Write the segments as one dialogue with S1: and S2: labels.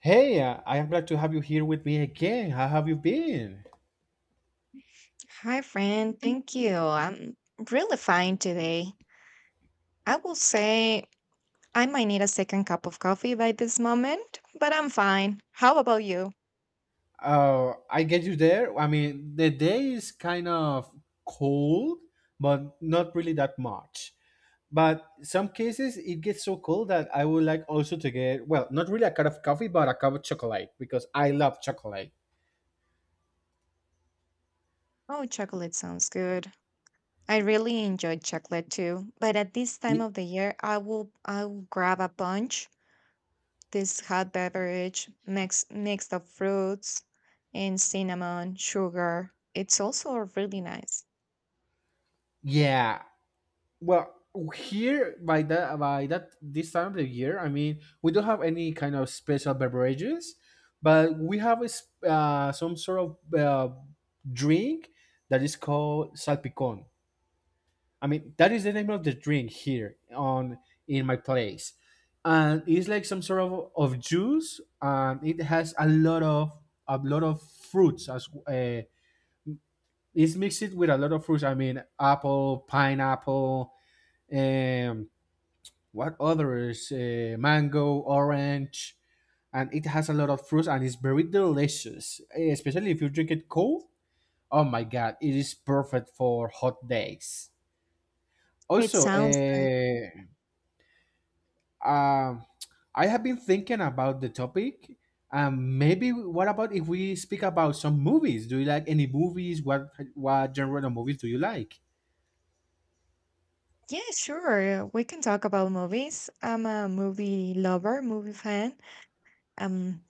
S1: Hey, I am glad to have you here with me again. How have you been?
S2: Hi, friend. Thank you. I'm really fine today. I will say I might need a second cup of coffee by this moment, but I'm fine. How about you?
S1: I get you there. I mean, the day is kind of cold, but not really that much. But some cases it gets so cold that I would like also to get, well, not really a cup of coffee, but a cup of chocolate because I love chocolate.
S2: Oh, chocolate sounds good. I really enjoy chocolate too, but at this time
S1: Y-
S2: of the year, I will grab a bunch. This hot beverage mixed of fruits and cinnamon, sugar. It's also really nice.
S1: Yeah. Well, Here by that this time of the year, I mean we don't have any kind of special beverages, but we have some sort of drink that is called salpicón. I mean that is the name of the drink here on in my place, and it's like some sort of juice, and it has a lot of fruits as it's mixed with a lot of fruits. I mean apple, pineapple. Um, what others? Mango, orange, and it has a lot of fruits and it's very delicious, especially if you drink it cold. Oh my god, it is perfect for hot days.
S2: It
S1: Also,
S2: sounds nice.
S1: um, I have been thinking about the topic. Maybe what about if we speak about some movies? Do you like any movies? What genre of movies do you like?
S2: Yeah, sure. We can talk about movies. I'm a movie lover, movie fan. Um,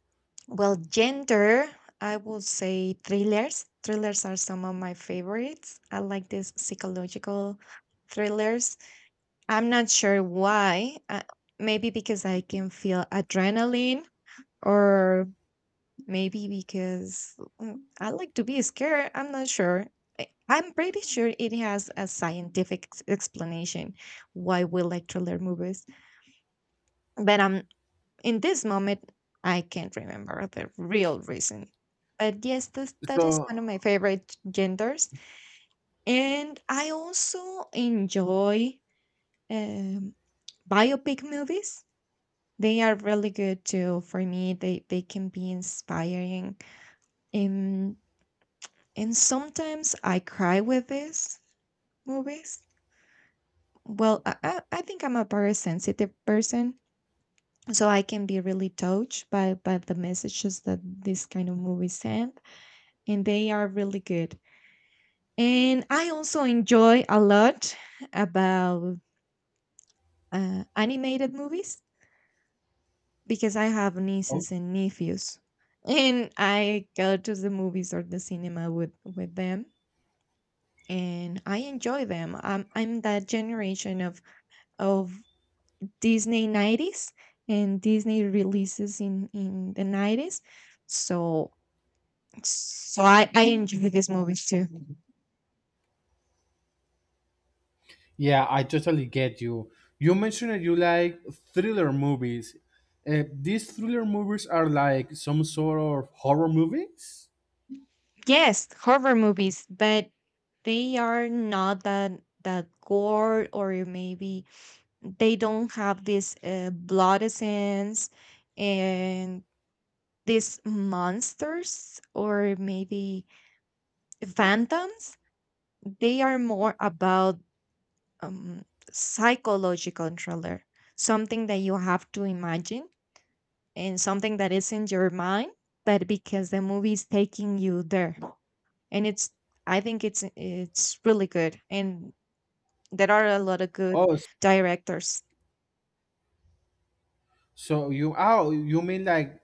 S2: well, gender, I will say thrillers. Thrillers are some of my favorites. I like these psychological thrillers. I'm not sure why. Maybe because I can feel adrenaline or maybe because I like to be scared. I'm not sure. I'm pretty sure it has a scientific explanation why we like thriller movies, but in this moment, I can't remember the real reason. But yes, that is one of my
S1: So,
S2: favorite genders, and I also enjoy um, biopic movies. They are really good too. For me, they can be inspiring. Um. And sometimes I cry with these movies. Well, I think I'm a very sensitive person, so I can be really touched by the messages that this kind of movies send, and they are really good. And I also enjoy a lot about animated movies because I have nieces and nephews, and I go to the movies or the cinema with them, and I enjoy them. I'm that generation of Disney 90s and Disney releases in the 90s. So so I enjoy these movies too.
S1: Yeah, I totally get you. You mentioned that you like thriller movies. These thriller movies are like some sort of horror movies.
S2: Yes, horror movies, but they are not that gore, or maybe they don't have this blood essence and these monsters, or maybe phantoms. They are more about um, psychological thriller, something that you have to imagine and something that is in your mind, but because the movie is taking you there, and it's, I think it's really good, and there are a lot of good
S1: Oh, s-
S2: directors.
S1: so, you mean like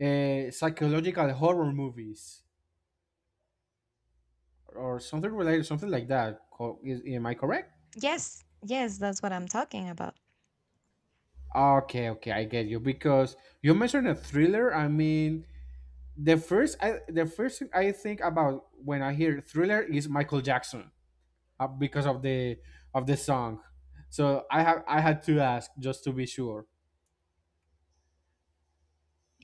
S1: psychological horror movies or something related, something like that? Am I correct?
S2: Yes, yes, that's what I'm talking about.
S1: Okay, okay, I get you because you mentioned a thriller. I mean, the first thing I think about when I hear thriller is Michael Jackson, because of the song. So I had to ask just to be sure.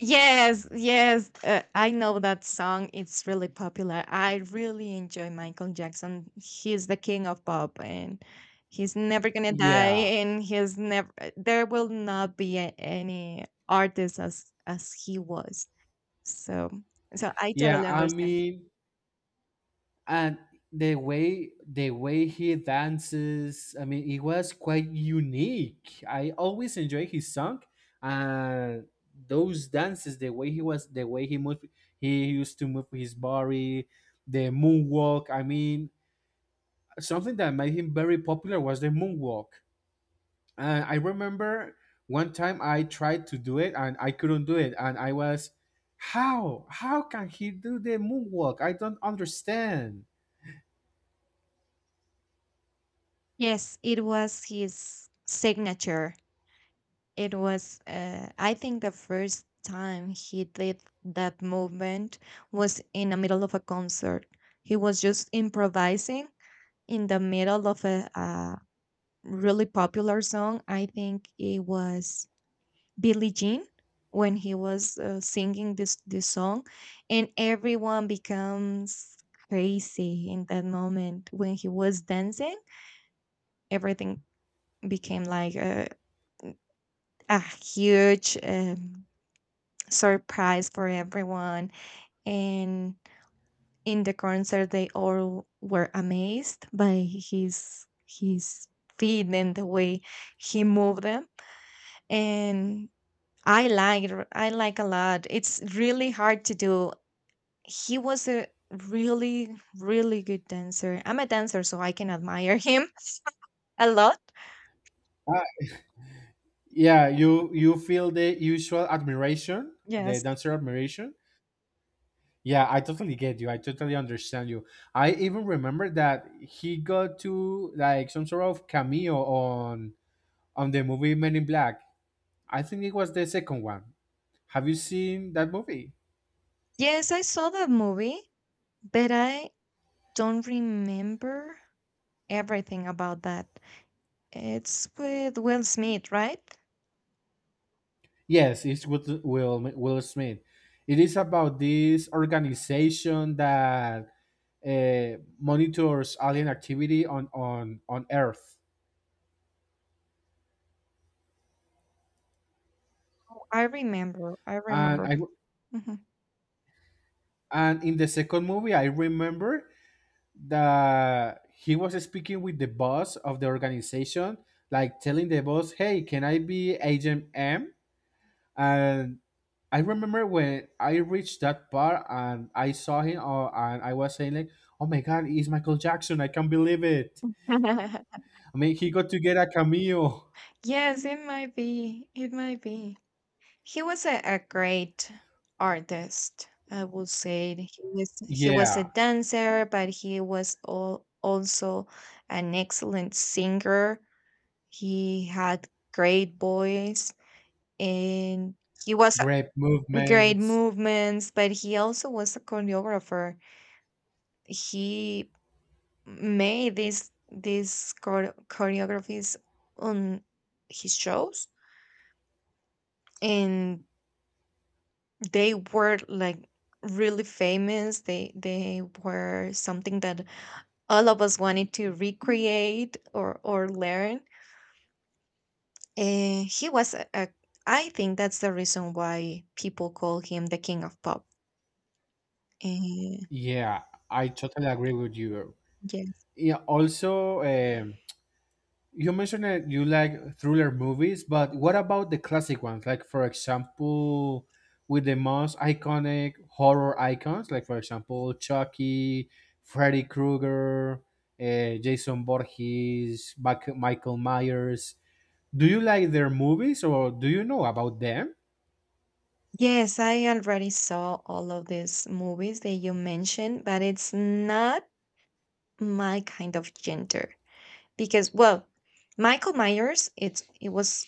S2: Yes, yes, I know that song. It's really popular. I really enjoy Michael Jackson. He's the king of pop and he's never gonna die,
S1: Yeah,
S2: and he's never, there will not be any artist as he was. So so I
S1: yeah.
S2: totally
S1: I
S2: understand.
S1: mean, and the way he dances. I mean, it was quite unique. I always enjoy his song, and those dances, the way he was, the way he moved, he used to move his body, the moonwalk. I mean, something that made him very popular was the moonwalk. I remember one time I tried to do it and I couldn't do it, and I was, how can he do the moonwalk? I don't understand.
S2: Yes, it was his signature. It was, I think the first time he did that movement was in the middle of a concert. He was just improvising in the middle of a really popular song. I think it was Billie Jean when he was singing this song, and everyone becomes crazy in that moment when he was dancing. Everything became like a huge surprise for everyone. And in the concert, they all were amazed by his feet and the way he moved them. And I like a lot. It's really hard to do. He was a really really good dancer. I'm a dancer, so I can admire him a lot.
S1: Uh, yeah, you feel the usual admiration, the
S2: Yes.
S1: dancer admiration. Yeah, I totally get you. I totally understand you. I even remember that he got to, like, some sort of cameo on the movie Men in Black. I think it was the second one. Have you seen that movie?
S2: Yes, I saw that movie, but I don't remember everything about that. It's with Will Smith, right?
S1: Yes, it's with Will Smith. It is about this organization that monitors alien activity on Earth.
S2: Oh, I remember. I
S1: And I
S2: remember. Mhm.
S1: and in the second movie, I remember that he was speaking with the boss of the organization, like telling the boss, "Hey, can I be Agent M?" And I remember when I reached that part and I saw him, and I was saying like, "Oh my God, it's Michael Jackson! I can't believe it." I mean, he got to get a cameo.
S2: Yes, it might be. It might be. He was a great artist. I would say he was a
S1: Yeah,
S2: dancer, but he was also an excellent singer. He had great voice and he was,
S1: great
S2: a- great
S1: movements.
S2: movements, but he also was a choreographer. He made these choreographies on his shows, and they were like really famous. They were something that all of us wanted to recreate or learn, and he was a, I think that's the reason why people call him the king of pop. And
S1: Yeah, I totally agree with you.
S2: yes,
S1: Yeah, also, you mentioned that you like thriller movies, but what about the classic ones? Like, for example, with the most iconic horror icons, like, for example, Chucky, Freddy Krueger, Jason Voorhees, Michael Myers. Do you like their movies or do you know about them?
S2: yes, I already saw all of these movies that you mentioned, but it's not my kind of gender because, well, Michael Myers, it was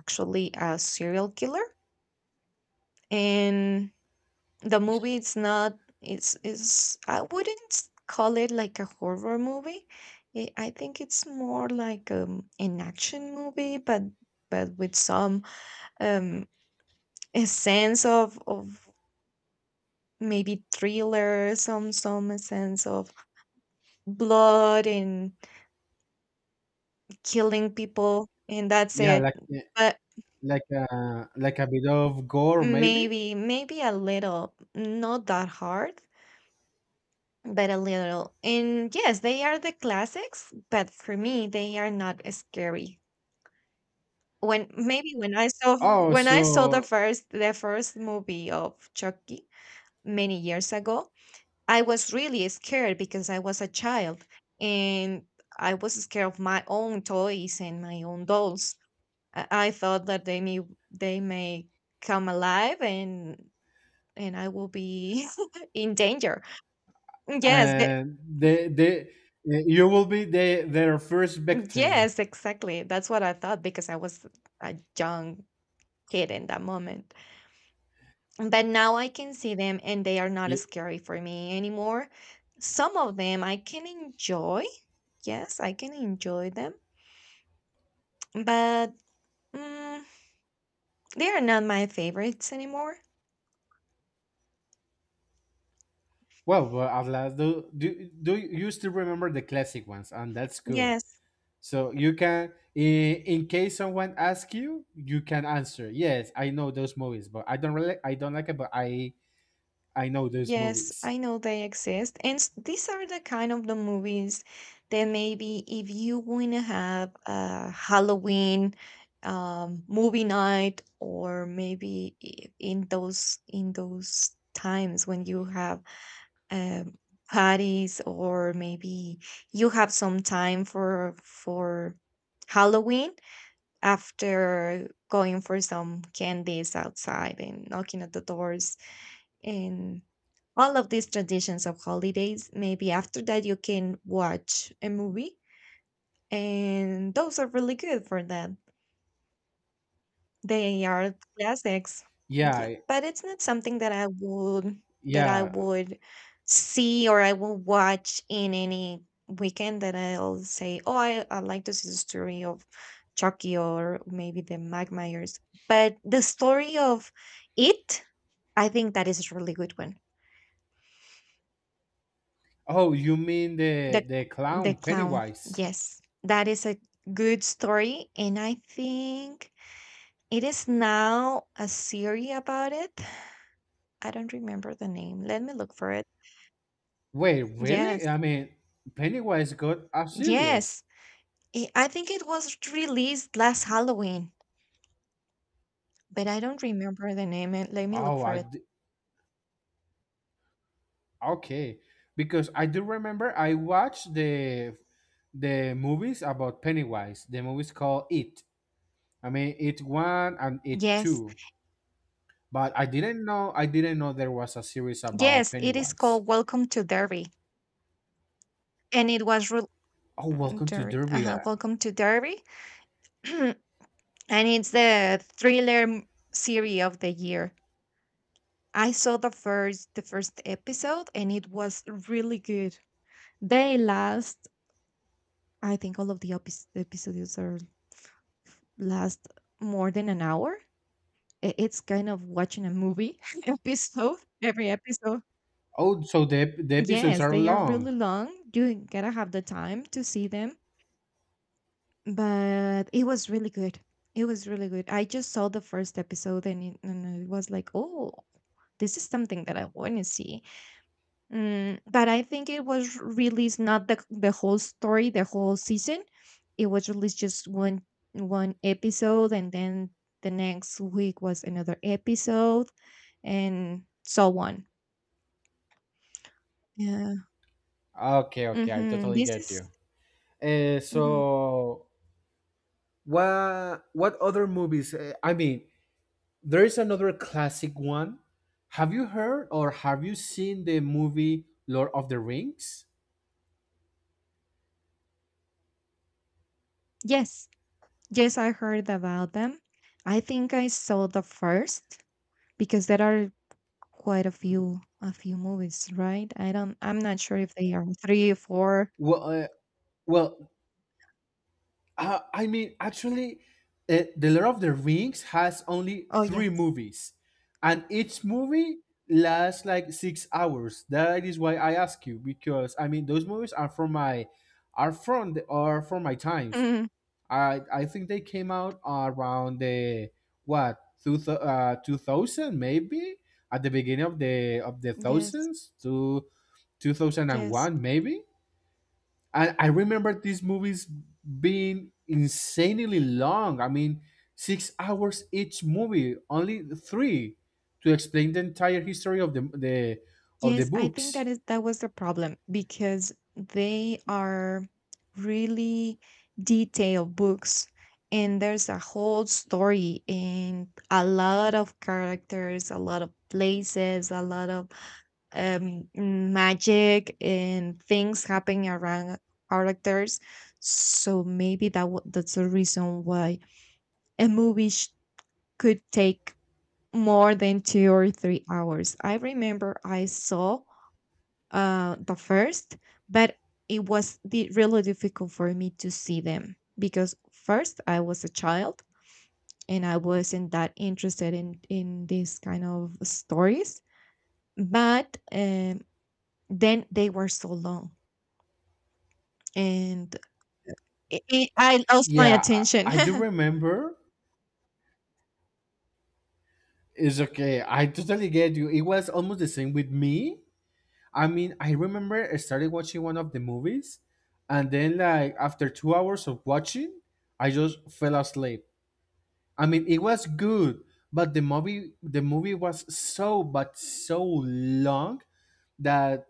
S2: actually a serial killer, and the movie, it's not it's is I wouldn't call it like a horror movie. It, I think it's more like an action movie, but with some um a sense of maybe thriller, some sense of blood and killing people, and that's
S1: Yeah,
S2: it.
S1: like
S2: But
S1: like a like a bit of gore maybe.
S2: maybe, maybe a little, not that hard, but a little. And yes, they are the classics, but for me, they are not scary. When, maybe when I saw
S1: oh
S2: when I saw
S1: so
S2: the first movie of Chucky many years ago, I was really scared because I was a child and I was scared of my own toys and my own dolls. I thought that they may come alive, and I will be in danger. Yes, the,
S1: uh, they they uh, you will be their first victim.
S2: yes, exactly. That's what I thought because I was a young kid in that moment. But now I can see them and they are not
S1: Ye-
S2: scary for me anymore. Some of them I can enjoy. Yes, I can enjoy them, but mm, they are not my favorites anymore.
S1: well, Atlas, do, do do you still remember the classic ones, and that's good,
S2: Yes.
S1: so you can, in case someone asks you, you can answer, yes, I know those movies, but I don't like it, but i know those
S2: Yes,
S1: movies.
S2: I know they exist. And these are the kind of the movies that, maybe if you want to have a Halloween movie night, or maybe in those times when you have um, parties, or maybe you have some time for Halloween after going for some candies outside and knocking at the doors and all of these traditions of holidays. Maybe after that, you can watch a movie, and those are really good for that. They are classics. Yeah,
S1: Yeah,
S2: but it's not something that I
S1: yeah.
S2: would see, or I will watch in any weekend that I'll say, oh, I like to see the story of Chucky, or maybe the Mike Myers. But the story of it, I think that is a really good one.
S1: Oh, you mean the
S2: The
S1: the
S2: the
S1: clown
S2: clown.
S1: Pennywise?
S2: Yes. That is a good story, and I think it is now a series about it. I don't remember the name. Let me look for it.
S1: Wait, really?
S2: Yes.
S1: I mean, Pennywise got a series.
S2: Yes. I think it was released last Halloween, but I don't remember the name. And let me look
S1: Oh,
S2: for it.
S1: okay. Because I do remember I watched the movies about Pennywise. The movies called It. I mean, It One and It
S2: Yes.
S1: Two. But I didn't know. I didn't know there was a series about
S2: Yes, it is
S1: Pennywise.
S2: called Welcome to Derby, and it was
S1: Oh, welcome to
S2: Derby.
S1: Derby.
S2: Uh-huh. Welcome to Derby. And it's the thriller series of the year. I saw the first episode and it was really good. They last, I think all of the episodes are last more than an hour. It's kind of watching a movie episode every episode.
S1: Oh, so the episodes
S2: Yes,
S1: are
S2: they are really
S1: long.
S2: long. You gotta have the time to see them, but it was really good. It was really good. I just saw the first episode, and and it was like, oh, this is something that I want to see. Mm, but I think it was released, not the the whole story, the whole season. It was released just one episode, and then the next week was another episode, and so on. Yeah.
S1: Okay, okay, I
S2: Mm-hmm.
S1: totally
S2: This
S1: get
S2: is
S1: you. Uh,
S2: mm-hmm.
S1: so what what other movies? I mean, there is another classic one. Have you heard or have you seen the movie Lord of the Rings?
S2: Yes, yes. I heard about them. I think I saw the first, because there are quite a few movies, right? I don't, I'm not sure if they are three or four.
S1: Well, uh, well, I mean, actually, the Lord of the Rings has only
S2: Oh
S1: three
S2: yes.
S1: movies, and each movie lasts like 6 hours. That is why I ask you because I mean, those movies are from my, are from my times.
S2: Mhm.
S1: I think they came out around the what two thou- 2000, maybe at the beginning of the
S2: Yes.
S1: thousands, to two thousand and
S2: Yes.
S1: one maybe. And I remember these movies being insanely long. I mean, 6 hours each movie, only three to explain the entire history of the
S2: Yes, I think
S1: books.
S2: that is that was the problem because they are really detailed books, and there's a whole story and a lot of characters, a lot of places, a lot of magic and things happening around characters. So maybe that's the reason why a movie could take more than 2 or 3 hours. I remember I saw the first, but it was really difficult for me to see them, because first I was a child and I wasn't that interested in these kind of stories. But then they were so long, and I lost my
S1: Yeah, I,
S2: attention.
S1: I do remember. It's okay. I totally get you. It was almost the same with me. I mean, I remember I started watching one of the movies, and then like after 2 hours of watching, I just fell asleep. I mean, it was good, but the movie was so long that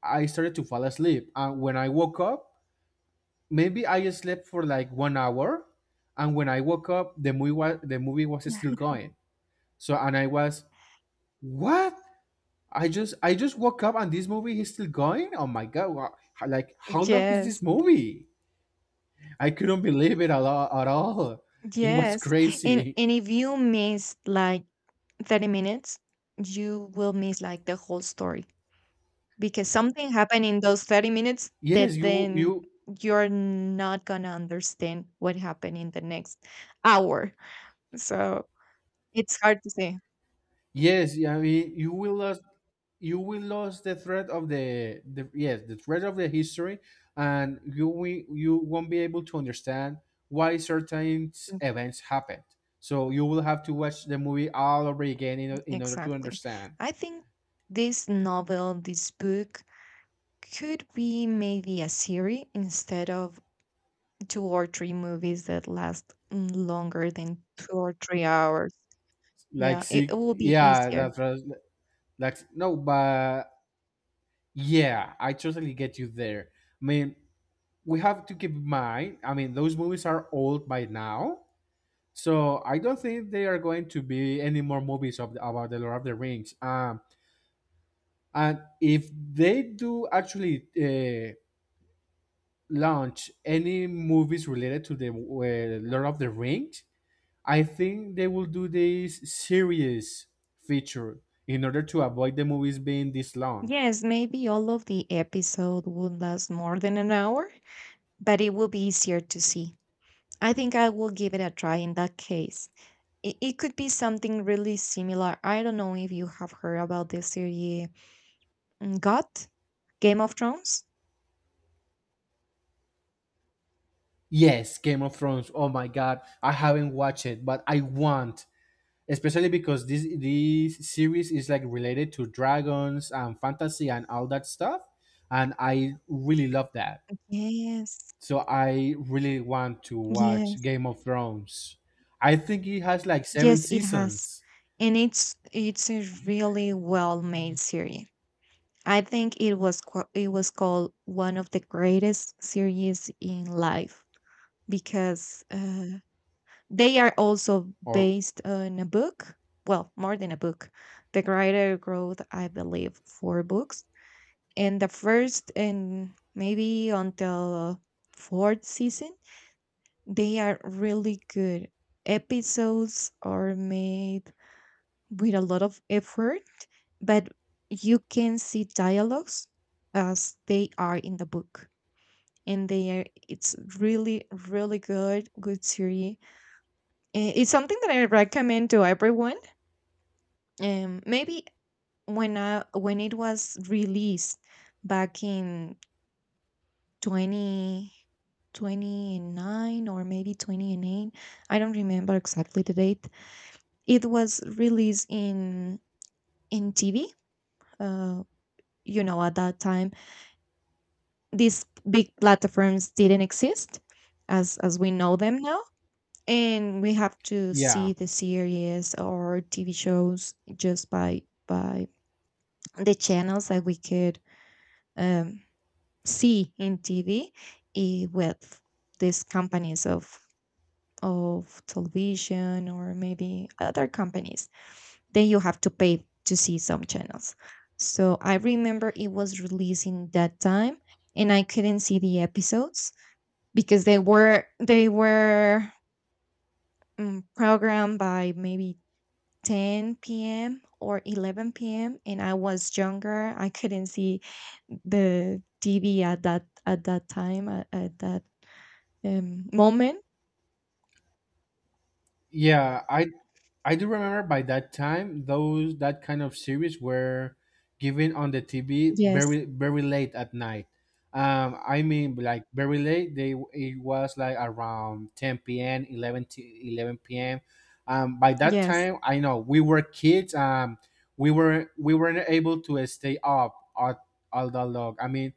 S1: I started to fall asleep. And when I woke up, maybe I slept for like 1 hour, and when I woke up, the movie was still going. So, and I was, what? I just woke up and this movie is still going. Oh my god! Like, how long is this
S2: Yes,
S1: movie? I couldn't believe it a lot at all. It was
S2: yes,
S1: crazy.
S2: and if you miss like 30 minutes, you will miss like the whole story, because something happened in those 30 minutes
S1: Yes,
S2: that
S1: you
S2: then
S1: you
S2: you're not going to understand what happened in the next hour. So it's hard to say.
S1: yes. I mean, you will lose the thread of the history, and you won't be able to understand why certain
S2: Mm,
S1: events happened. So you will have to watch the movie all over again, in order to
S2: Exactly.
S1: understand.
S2: I think this novel, this book, could be maybe a series instead of two or three movies that last longer than 2 or 3 hours.
S1: Like,
S2: Yeah, it
S1: see,
S2: will be
S1: yeah,
S2: easier.
S1: that's right. Like, no, but yeah, I totally get you there. I mean, we have to keep in mind. I mean, those movies are old by now, so I don't think they are going to be any more movies about the Lord of the Rings. And if they do actually launch any movies related to the Lord of the Rings, I think they will do this series feature in order to avoid the movies being this long.
S2: Yes, maybe all of the episode would last more than an hour, but it will be easier to see. I think I will give it a try in that case. It could be something really similar. I don't know if you have heard about the series GOT, Game of Thrones.
S1: Yes, Game of Thrones. Oh my god, I haven't watched it, but I want, especially because this series is like related to dragons and fantasy and all that stuff, and I really love that.
S2: Yes,
S1: So I really want to watch
S2: yes,
S1: Game of Thrones. I think it has like 7
S2: yes, it has,
S1: seasons,
S2: and it's a really well made series. I think it was called one of the greatest series in life because they are also
S1: or
S2: based on a book, well, more than a book. The writer wrote, I believe, four books. And the first and maybe until fourth season, they are really good. Episodes are made with a lot of effort, but you can see dialogues as they are in the book. And they are, it's really, really good series. It's something that I recommend to everyone. Maybe when it was released back in 2029 or maybe 28. I don't remember exactly the date. It was released in TV. uh, at that time, these big platforms didn't exist as we know them now, and we have to
S1: yeah.
S2: see the series or TV shows just by the channels that we could um, see in TV, with these companies of television or maybe other companies. Then you have to pay to see some channels. So I remember it was releasing that time, and I couldn't see the episodes because they were programmed by maybe 10 p.m. or 11 p.m. And I was younger. I couldn't see the TV at that time at that moment.
S1: Yeah, I do remember. By that time those that kind of series were given on the TV
S2: Yes.
S1: very, very late at night. I mean, like very late. They It was like around 10 p.m., 11 to 11 p.m. By that
S2: Yes.
S1: time, I know we were kids. We weren't able to stay up all that long. I mean,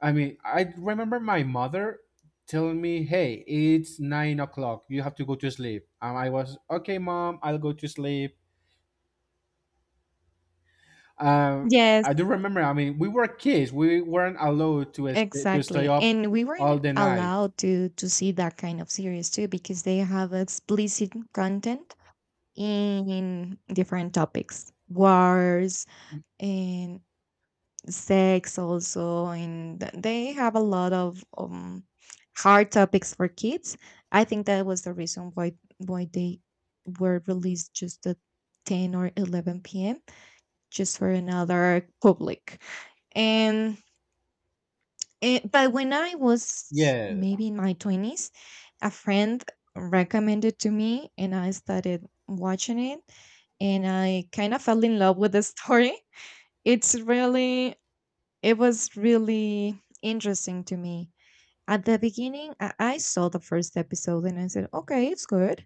S1: I remember my mother telling me, "Hey, it's 9 o'clock. You have to go to sleep." And I was, "Okay, mom, I'll go to sleep." Um,
S2: Yes.
S1: I do remember. I mean, we were kids. We weren't allowed to stay
S2: Exactly.
S1: up
S2: And we
S1: all
S2: weren't
S1: the night.
S2: allowed to see that kind of series too because they have explicit content in different topics. Wars and sex also, and they have a lot of hard topics for kids. I think that was the reason why they were released just at 10 or 11 p.m. just for another public. And but when I was
S1: Yeah,
S2: maybe in my 20s, a friend recommended to me, and I started watching it, and I kind of fell in love with the story. It's really it was really interesting to me. At the beginning, I saw the first episode and I said, okay, it's good,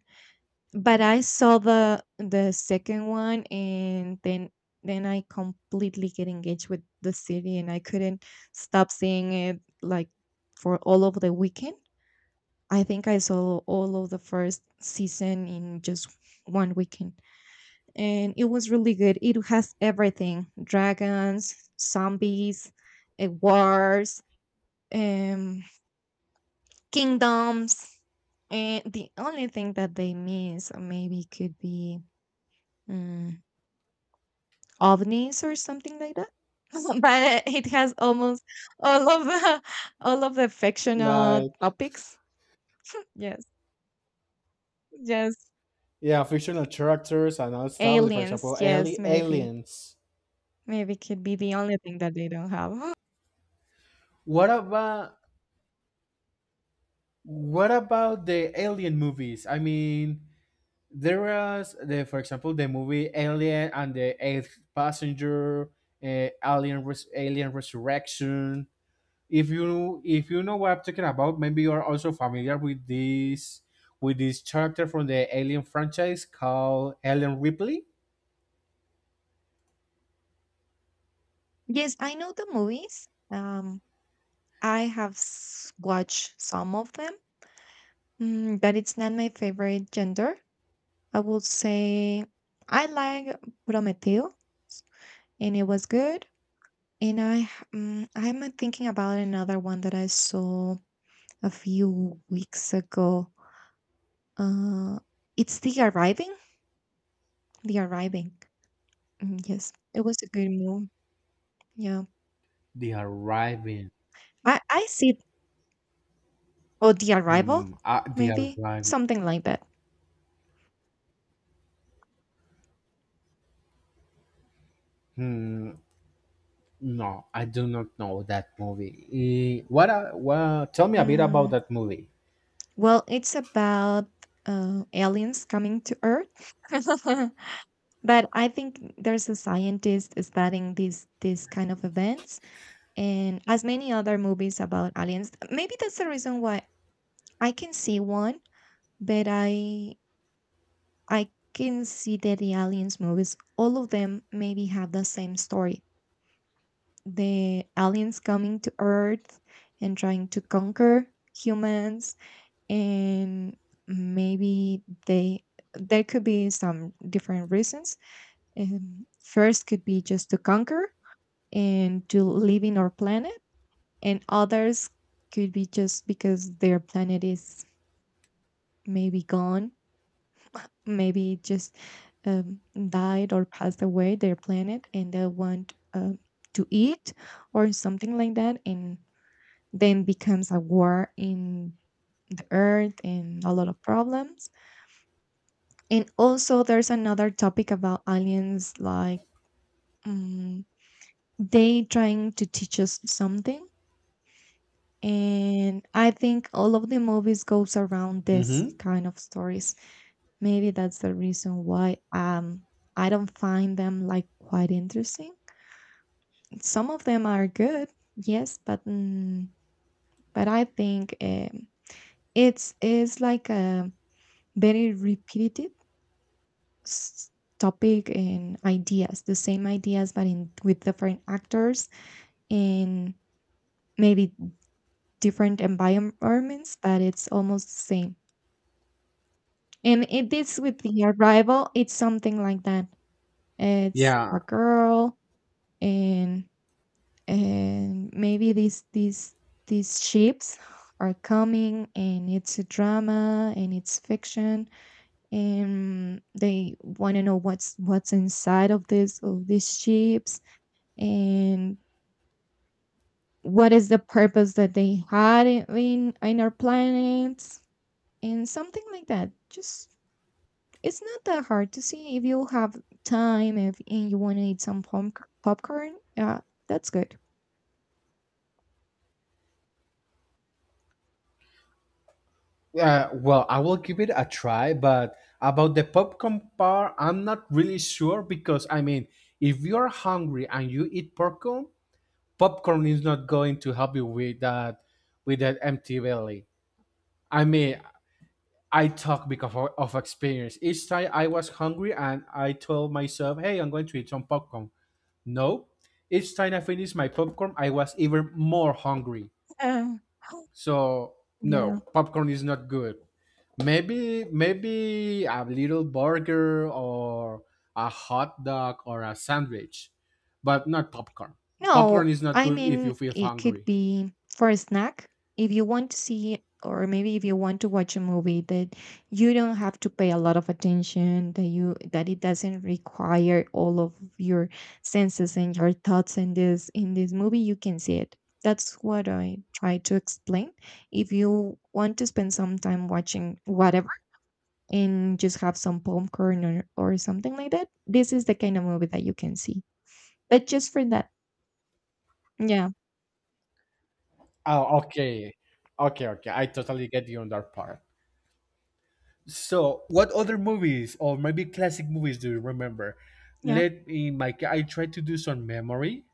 S2: but I saw the second one, and then I completely get engaged with the city, and I couldn't stop seeing it, like, for all of the weekend. I think I saw all of the first season in just one weekend. And it was really good. It has everything. Dragons, zombies, wars, um kingdoms. And the only thing that they miss, maybe, could be mm, ovnis or something like that. But it has almost all of the all of the fictional
S1: like,
S2: topics. Yes, yes,
S1: yeah, fictional characters and all stuff. Like, for example,
S2: aliens. Yes, maybe,
S1: aliens.
S2: maybe could be the only thing that they don't have.
S1: What about the alien movies? I mean, there was the, for example, the movie Alien and the Eighth Passenger, Alien Resurrection. If you know what I'm talking about, maybe you are also familiar with this character from the Alien franchise called Ellen Ripley.
S2: Yes, I know the movies. I have watched some of them, but it's not my favorite gender. I would say I like Prometeo, and it was good. And I, I'm thinking about another one that I saw a few weeks ago. Uh, it's The Arriving. The Arriving. Yes, it was a good movie. Yeah,
S1: The Arriving.
S2: I see. Or The Arrival,
S1: Hmm. The
S2: maybe
S1: Arriving.
S2: something like that.
S1: Hmm. No, I do not know that movie. Eh, what? Well, tell me a bit about
S2: Mm,
S1: that movie.
S2: well, it's about aliens coming to Earth. But I think there's a scientist studying these kind of events, and as many other movies about aliens. Maybe that's the reason why I can see one, but I can see that the aliens movies, all of them, maybe have the same story. The aliens coming to Earth and trying to conquer humans, and maybe they there could be some different reasons. First could be just to conquer and to live in our planet, and others could be just because their planet is maybe gone, maybe just um, died or passed away their planet, and they want, to eat or something like that, and then becomes a war in the earth and a lot of problems. And also there's another topic about aliens, like, um, they trying to teach us something. And I think all of the movies goes around this
S1: Mm-hmm.
S2: kind of stories. Maybe that's the reason why I don't find them, like, quite interesting. Some of them are good, yes, but I think, it's like a very repetitive s- topic and ideas, the same ideas but in with different actors in maybe different environments, but it's almost the same. And it is with the arrival, it's something like that. It's
S1: Yeah.
S2: a girl, and maybe these ships are coming, and it's a drama, and it's fiction, and they want to know what's inside of these ships, and what is the purpose that they had in our planets, and something like that. Just, it's not that hard to see if you have time if and you want to eat some popcorn. Yeah, that's good.
S1: Well, I will give it a try, but about the popcorn part, I'm not really sure because I mean, if you are hungry and you eat popcorn, popcorn is not going to help you with that, empty belly. I mean, I talk because of experience. Each time I was hungry and I told myself, "Hey, I'm going to eat some popcorn." No, each time I finished my popcorn, I was even more hungry. So
S2: Yeah,
S1: no,
S2: yeah.
S1: popcorn is not good. Maybe a little burger or a hot dog or a sandwich, but not popcorn. Popcorn
S2: No,
S1: is not
S2: I
S1: good if you
S2: mean,
S1: feel
S2: it could
S1: hungry.
S2: be for a snack if you want to see, or maybe if you want to watch a movie that you don't have to pay a lot of attention, that it doesn't require all of your senses and your thoughts in this movie, you can see it. That's what I try to explain. If you want to spend some time watching whatever and just have some popcorn or something like that, this is the kind of movie that you can see. But just for that. Yeah.
S1: Oh, okay. Okay, okay. I totally get you on that part. So, what other movies or maybe classic movies do you remember?
S2: Yeah.
S1: I try to do some memory.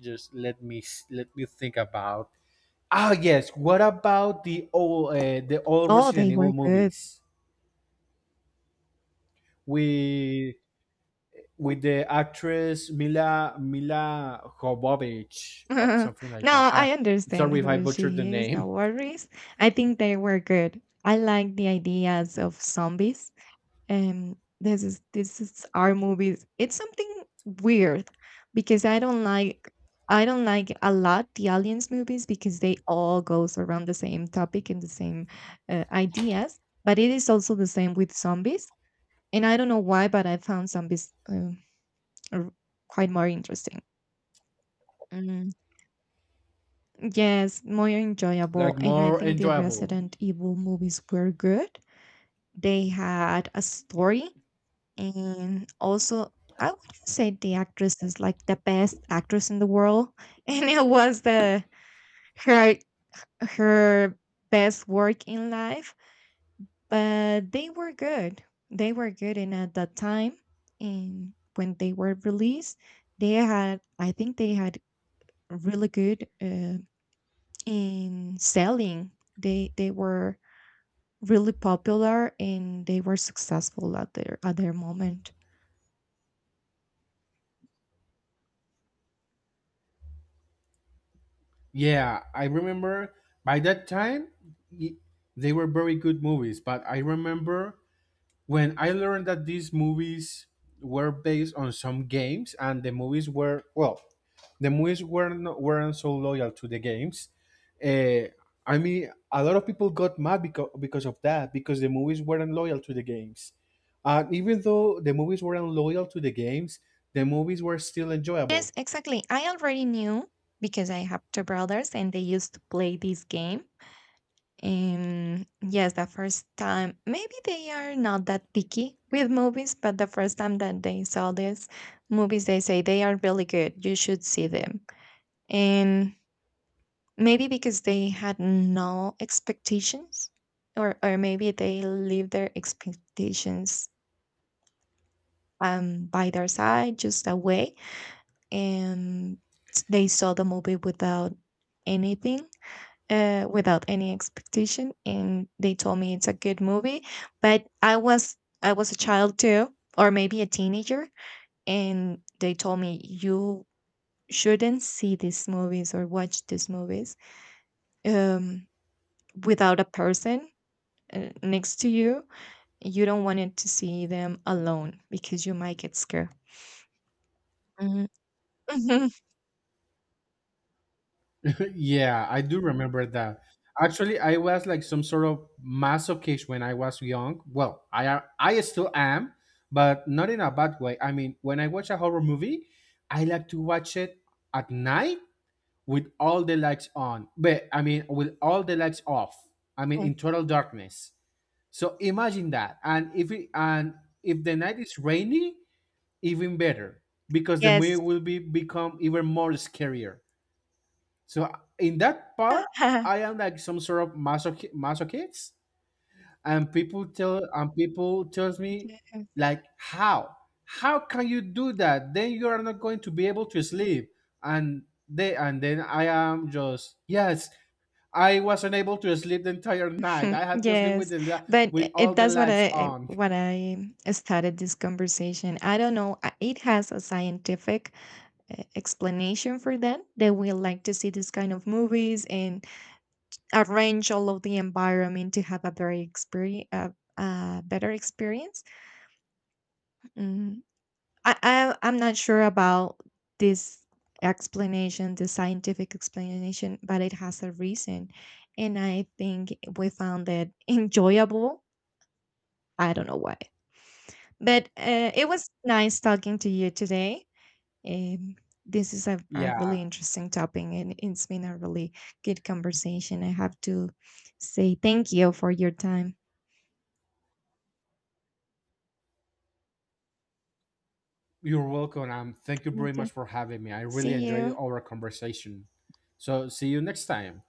S1: Just let me, s- Let me think about. Ah, yes. What about the old
S2: Oh,
S1: Resident
S2: they were
S1: Evil
S2: good.
S1: movies with the actress Mila Jovovich or
S2: No,
S1: something like that? Ah,
S2: I understand
S1: sorry if I
S2: who
S1: butchered the
S2: she is. No
S1: name.
S2: worries. I think they were good. I like the ideas of zombies. This is our movies. It's something weird because I don't like a lot the aliens movies because they all goes around the same topic and the same, ideas. But it is also the same with zombies. And I don't know why, but I found zombies, r- quite more interesting. Yes, more enjoyable.
S1: Like,
S2: And I
S1: more
S2: think the
S1: enjoyable.
S2: Resident Evil movies were good. They had a story, and also, I would say the actress is like the best actress in the world. And it was the her her best work in life. But they were good. They were good. And at that time, and when they were released, I think they had really good, in selling. They were really popular, and they were successful at their moment.
S1: Yeah, I remember by that time y- they were very good movies, but I remember when I learned that these movies were based on some games, and the movies were, well, the movies weren't, no, weren't so loyal to the games. Uh, I mean, a lot of people got mad because of that, because the movies weren't loyal to the games. And even though the movies weren't loyal to the games, the movies were still enjoyable.
S2: Yes, exactly. I already knew because I have two brothers and they used to play this game. And yes, the first time, maybe they are not that picky with movies, but the first time that they saw these movies, they say they are really good. You should see them. And maybe because they had no expectations, or maybe they leave their expectations by their side, just away, and they saw the movie without anything, without any expectation, and they told me it's a good movie. But I was a child too, or maybe a teenager, and they told me you shouldn't see these movies or watch these movies um without a person, next to you. You don't want it to see them alone because you might get scared. Mhm.
S1: Yeah, I do remember that. Actually, I was like some sort of masochist when I was young. Well, I still am, but not in a bad way. I mean, when I watch a horror movie, I like to watch it at night with all the lights on. But I mean, with all the lights off. I mean, in total darkness. So imagine that. And if the night is rainy, even better because the movie
S2: yes.
S1: will be become even more scarier. So in that part, I am like some sort of masochist, and people tells me, like, how can you do that? Then you are not going to be able to sleep, and and then I am just yes. I was unable to sleep the entire night. I had to sleep with
S2: Yes,
S1: the li-
S2: but
S1: with all the
S2: that's what
S1: lights on.
S2: I started this conversation. I don't know. It has a scientific, explanation for that. They will like to see this kind of movies and arrange all of the environment to have a very experience, a better experience. Mm-hmm. I'm not sure about this explanation, the scientific explanation, but it has a reason, and I think we found it enjoyable. I don't know why, but it was nice talking to you today. Um, this is a really
S1: Yeah,
S2: interesting topic, and it's been a really good conversation. I have to say thank you for your time.
S1: you're welcome. Thank you
S2: Me
S1: very
S2: too.
S1: much for having me. I
S2: See
S1: really enjoyed
S2: you.
S1: our conversation. So see you next time.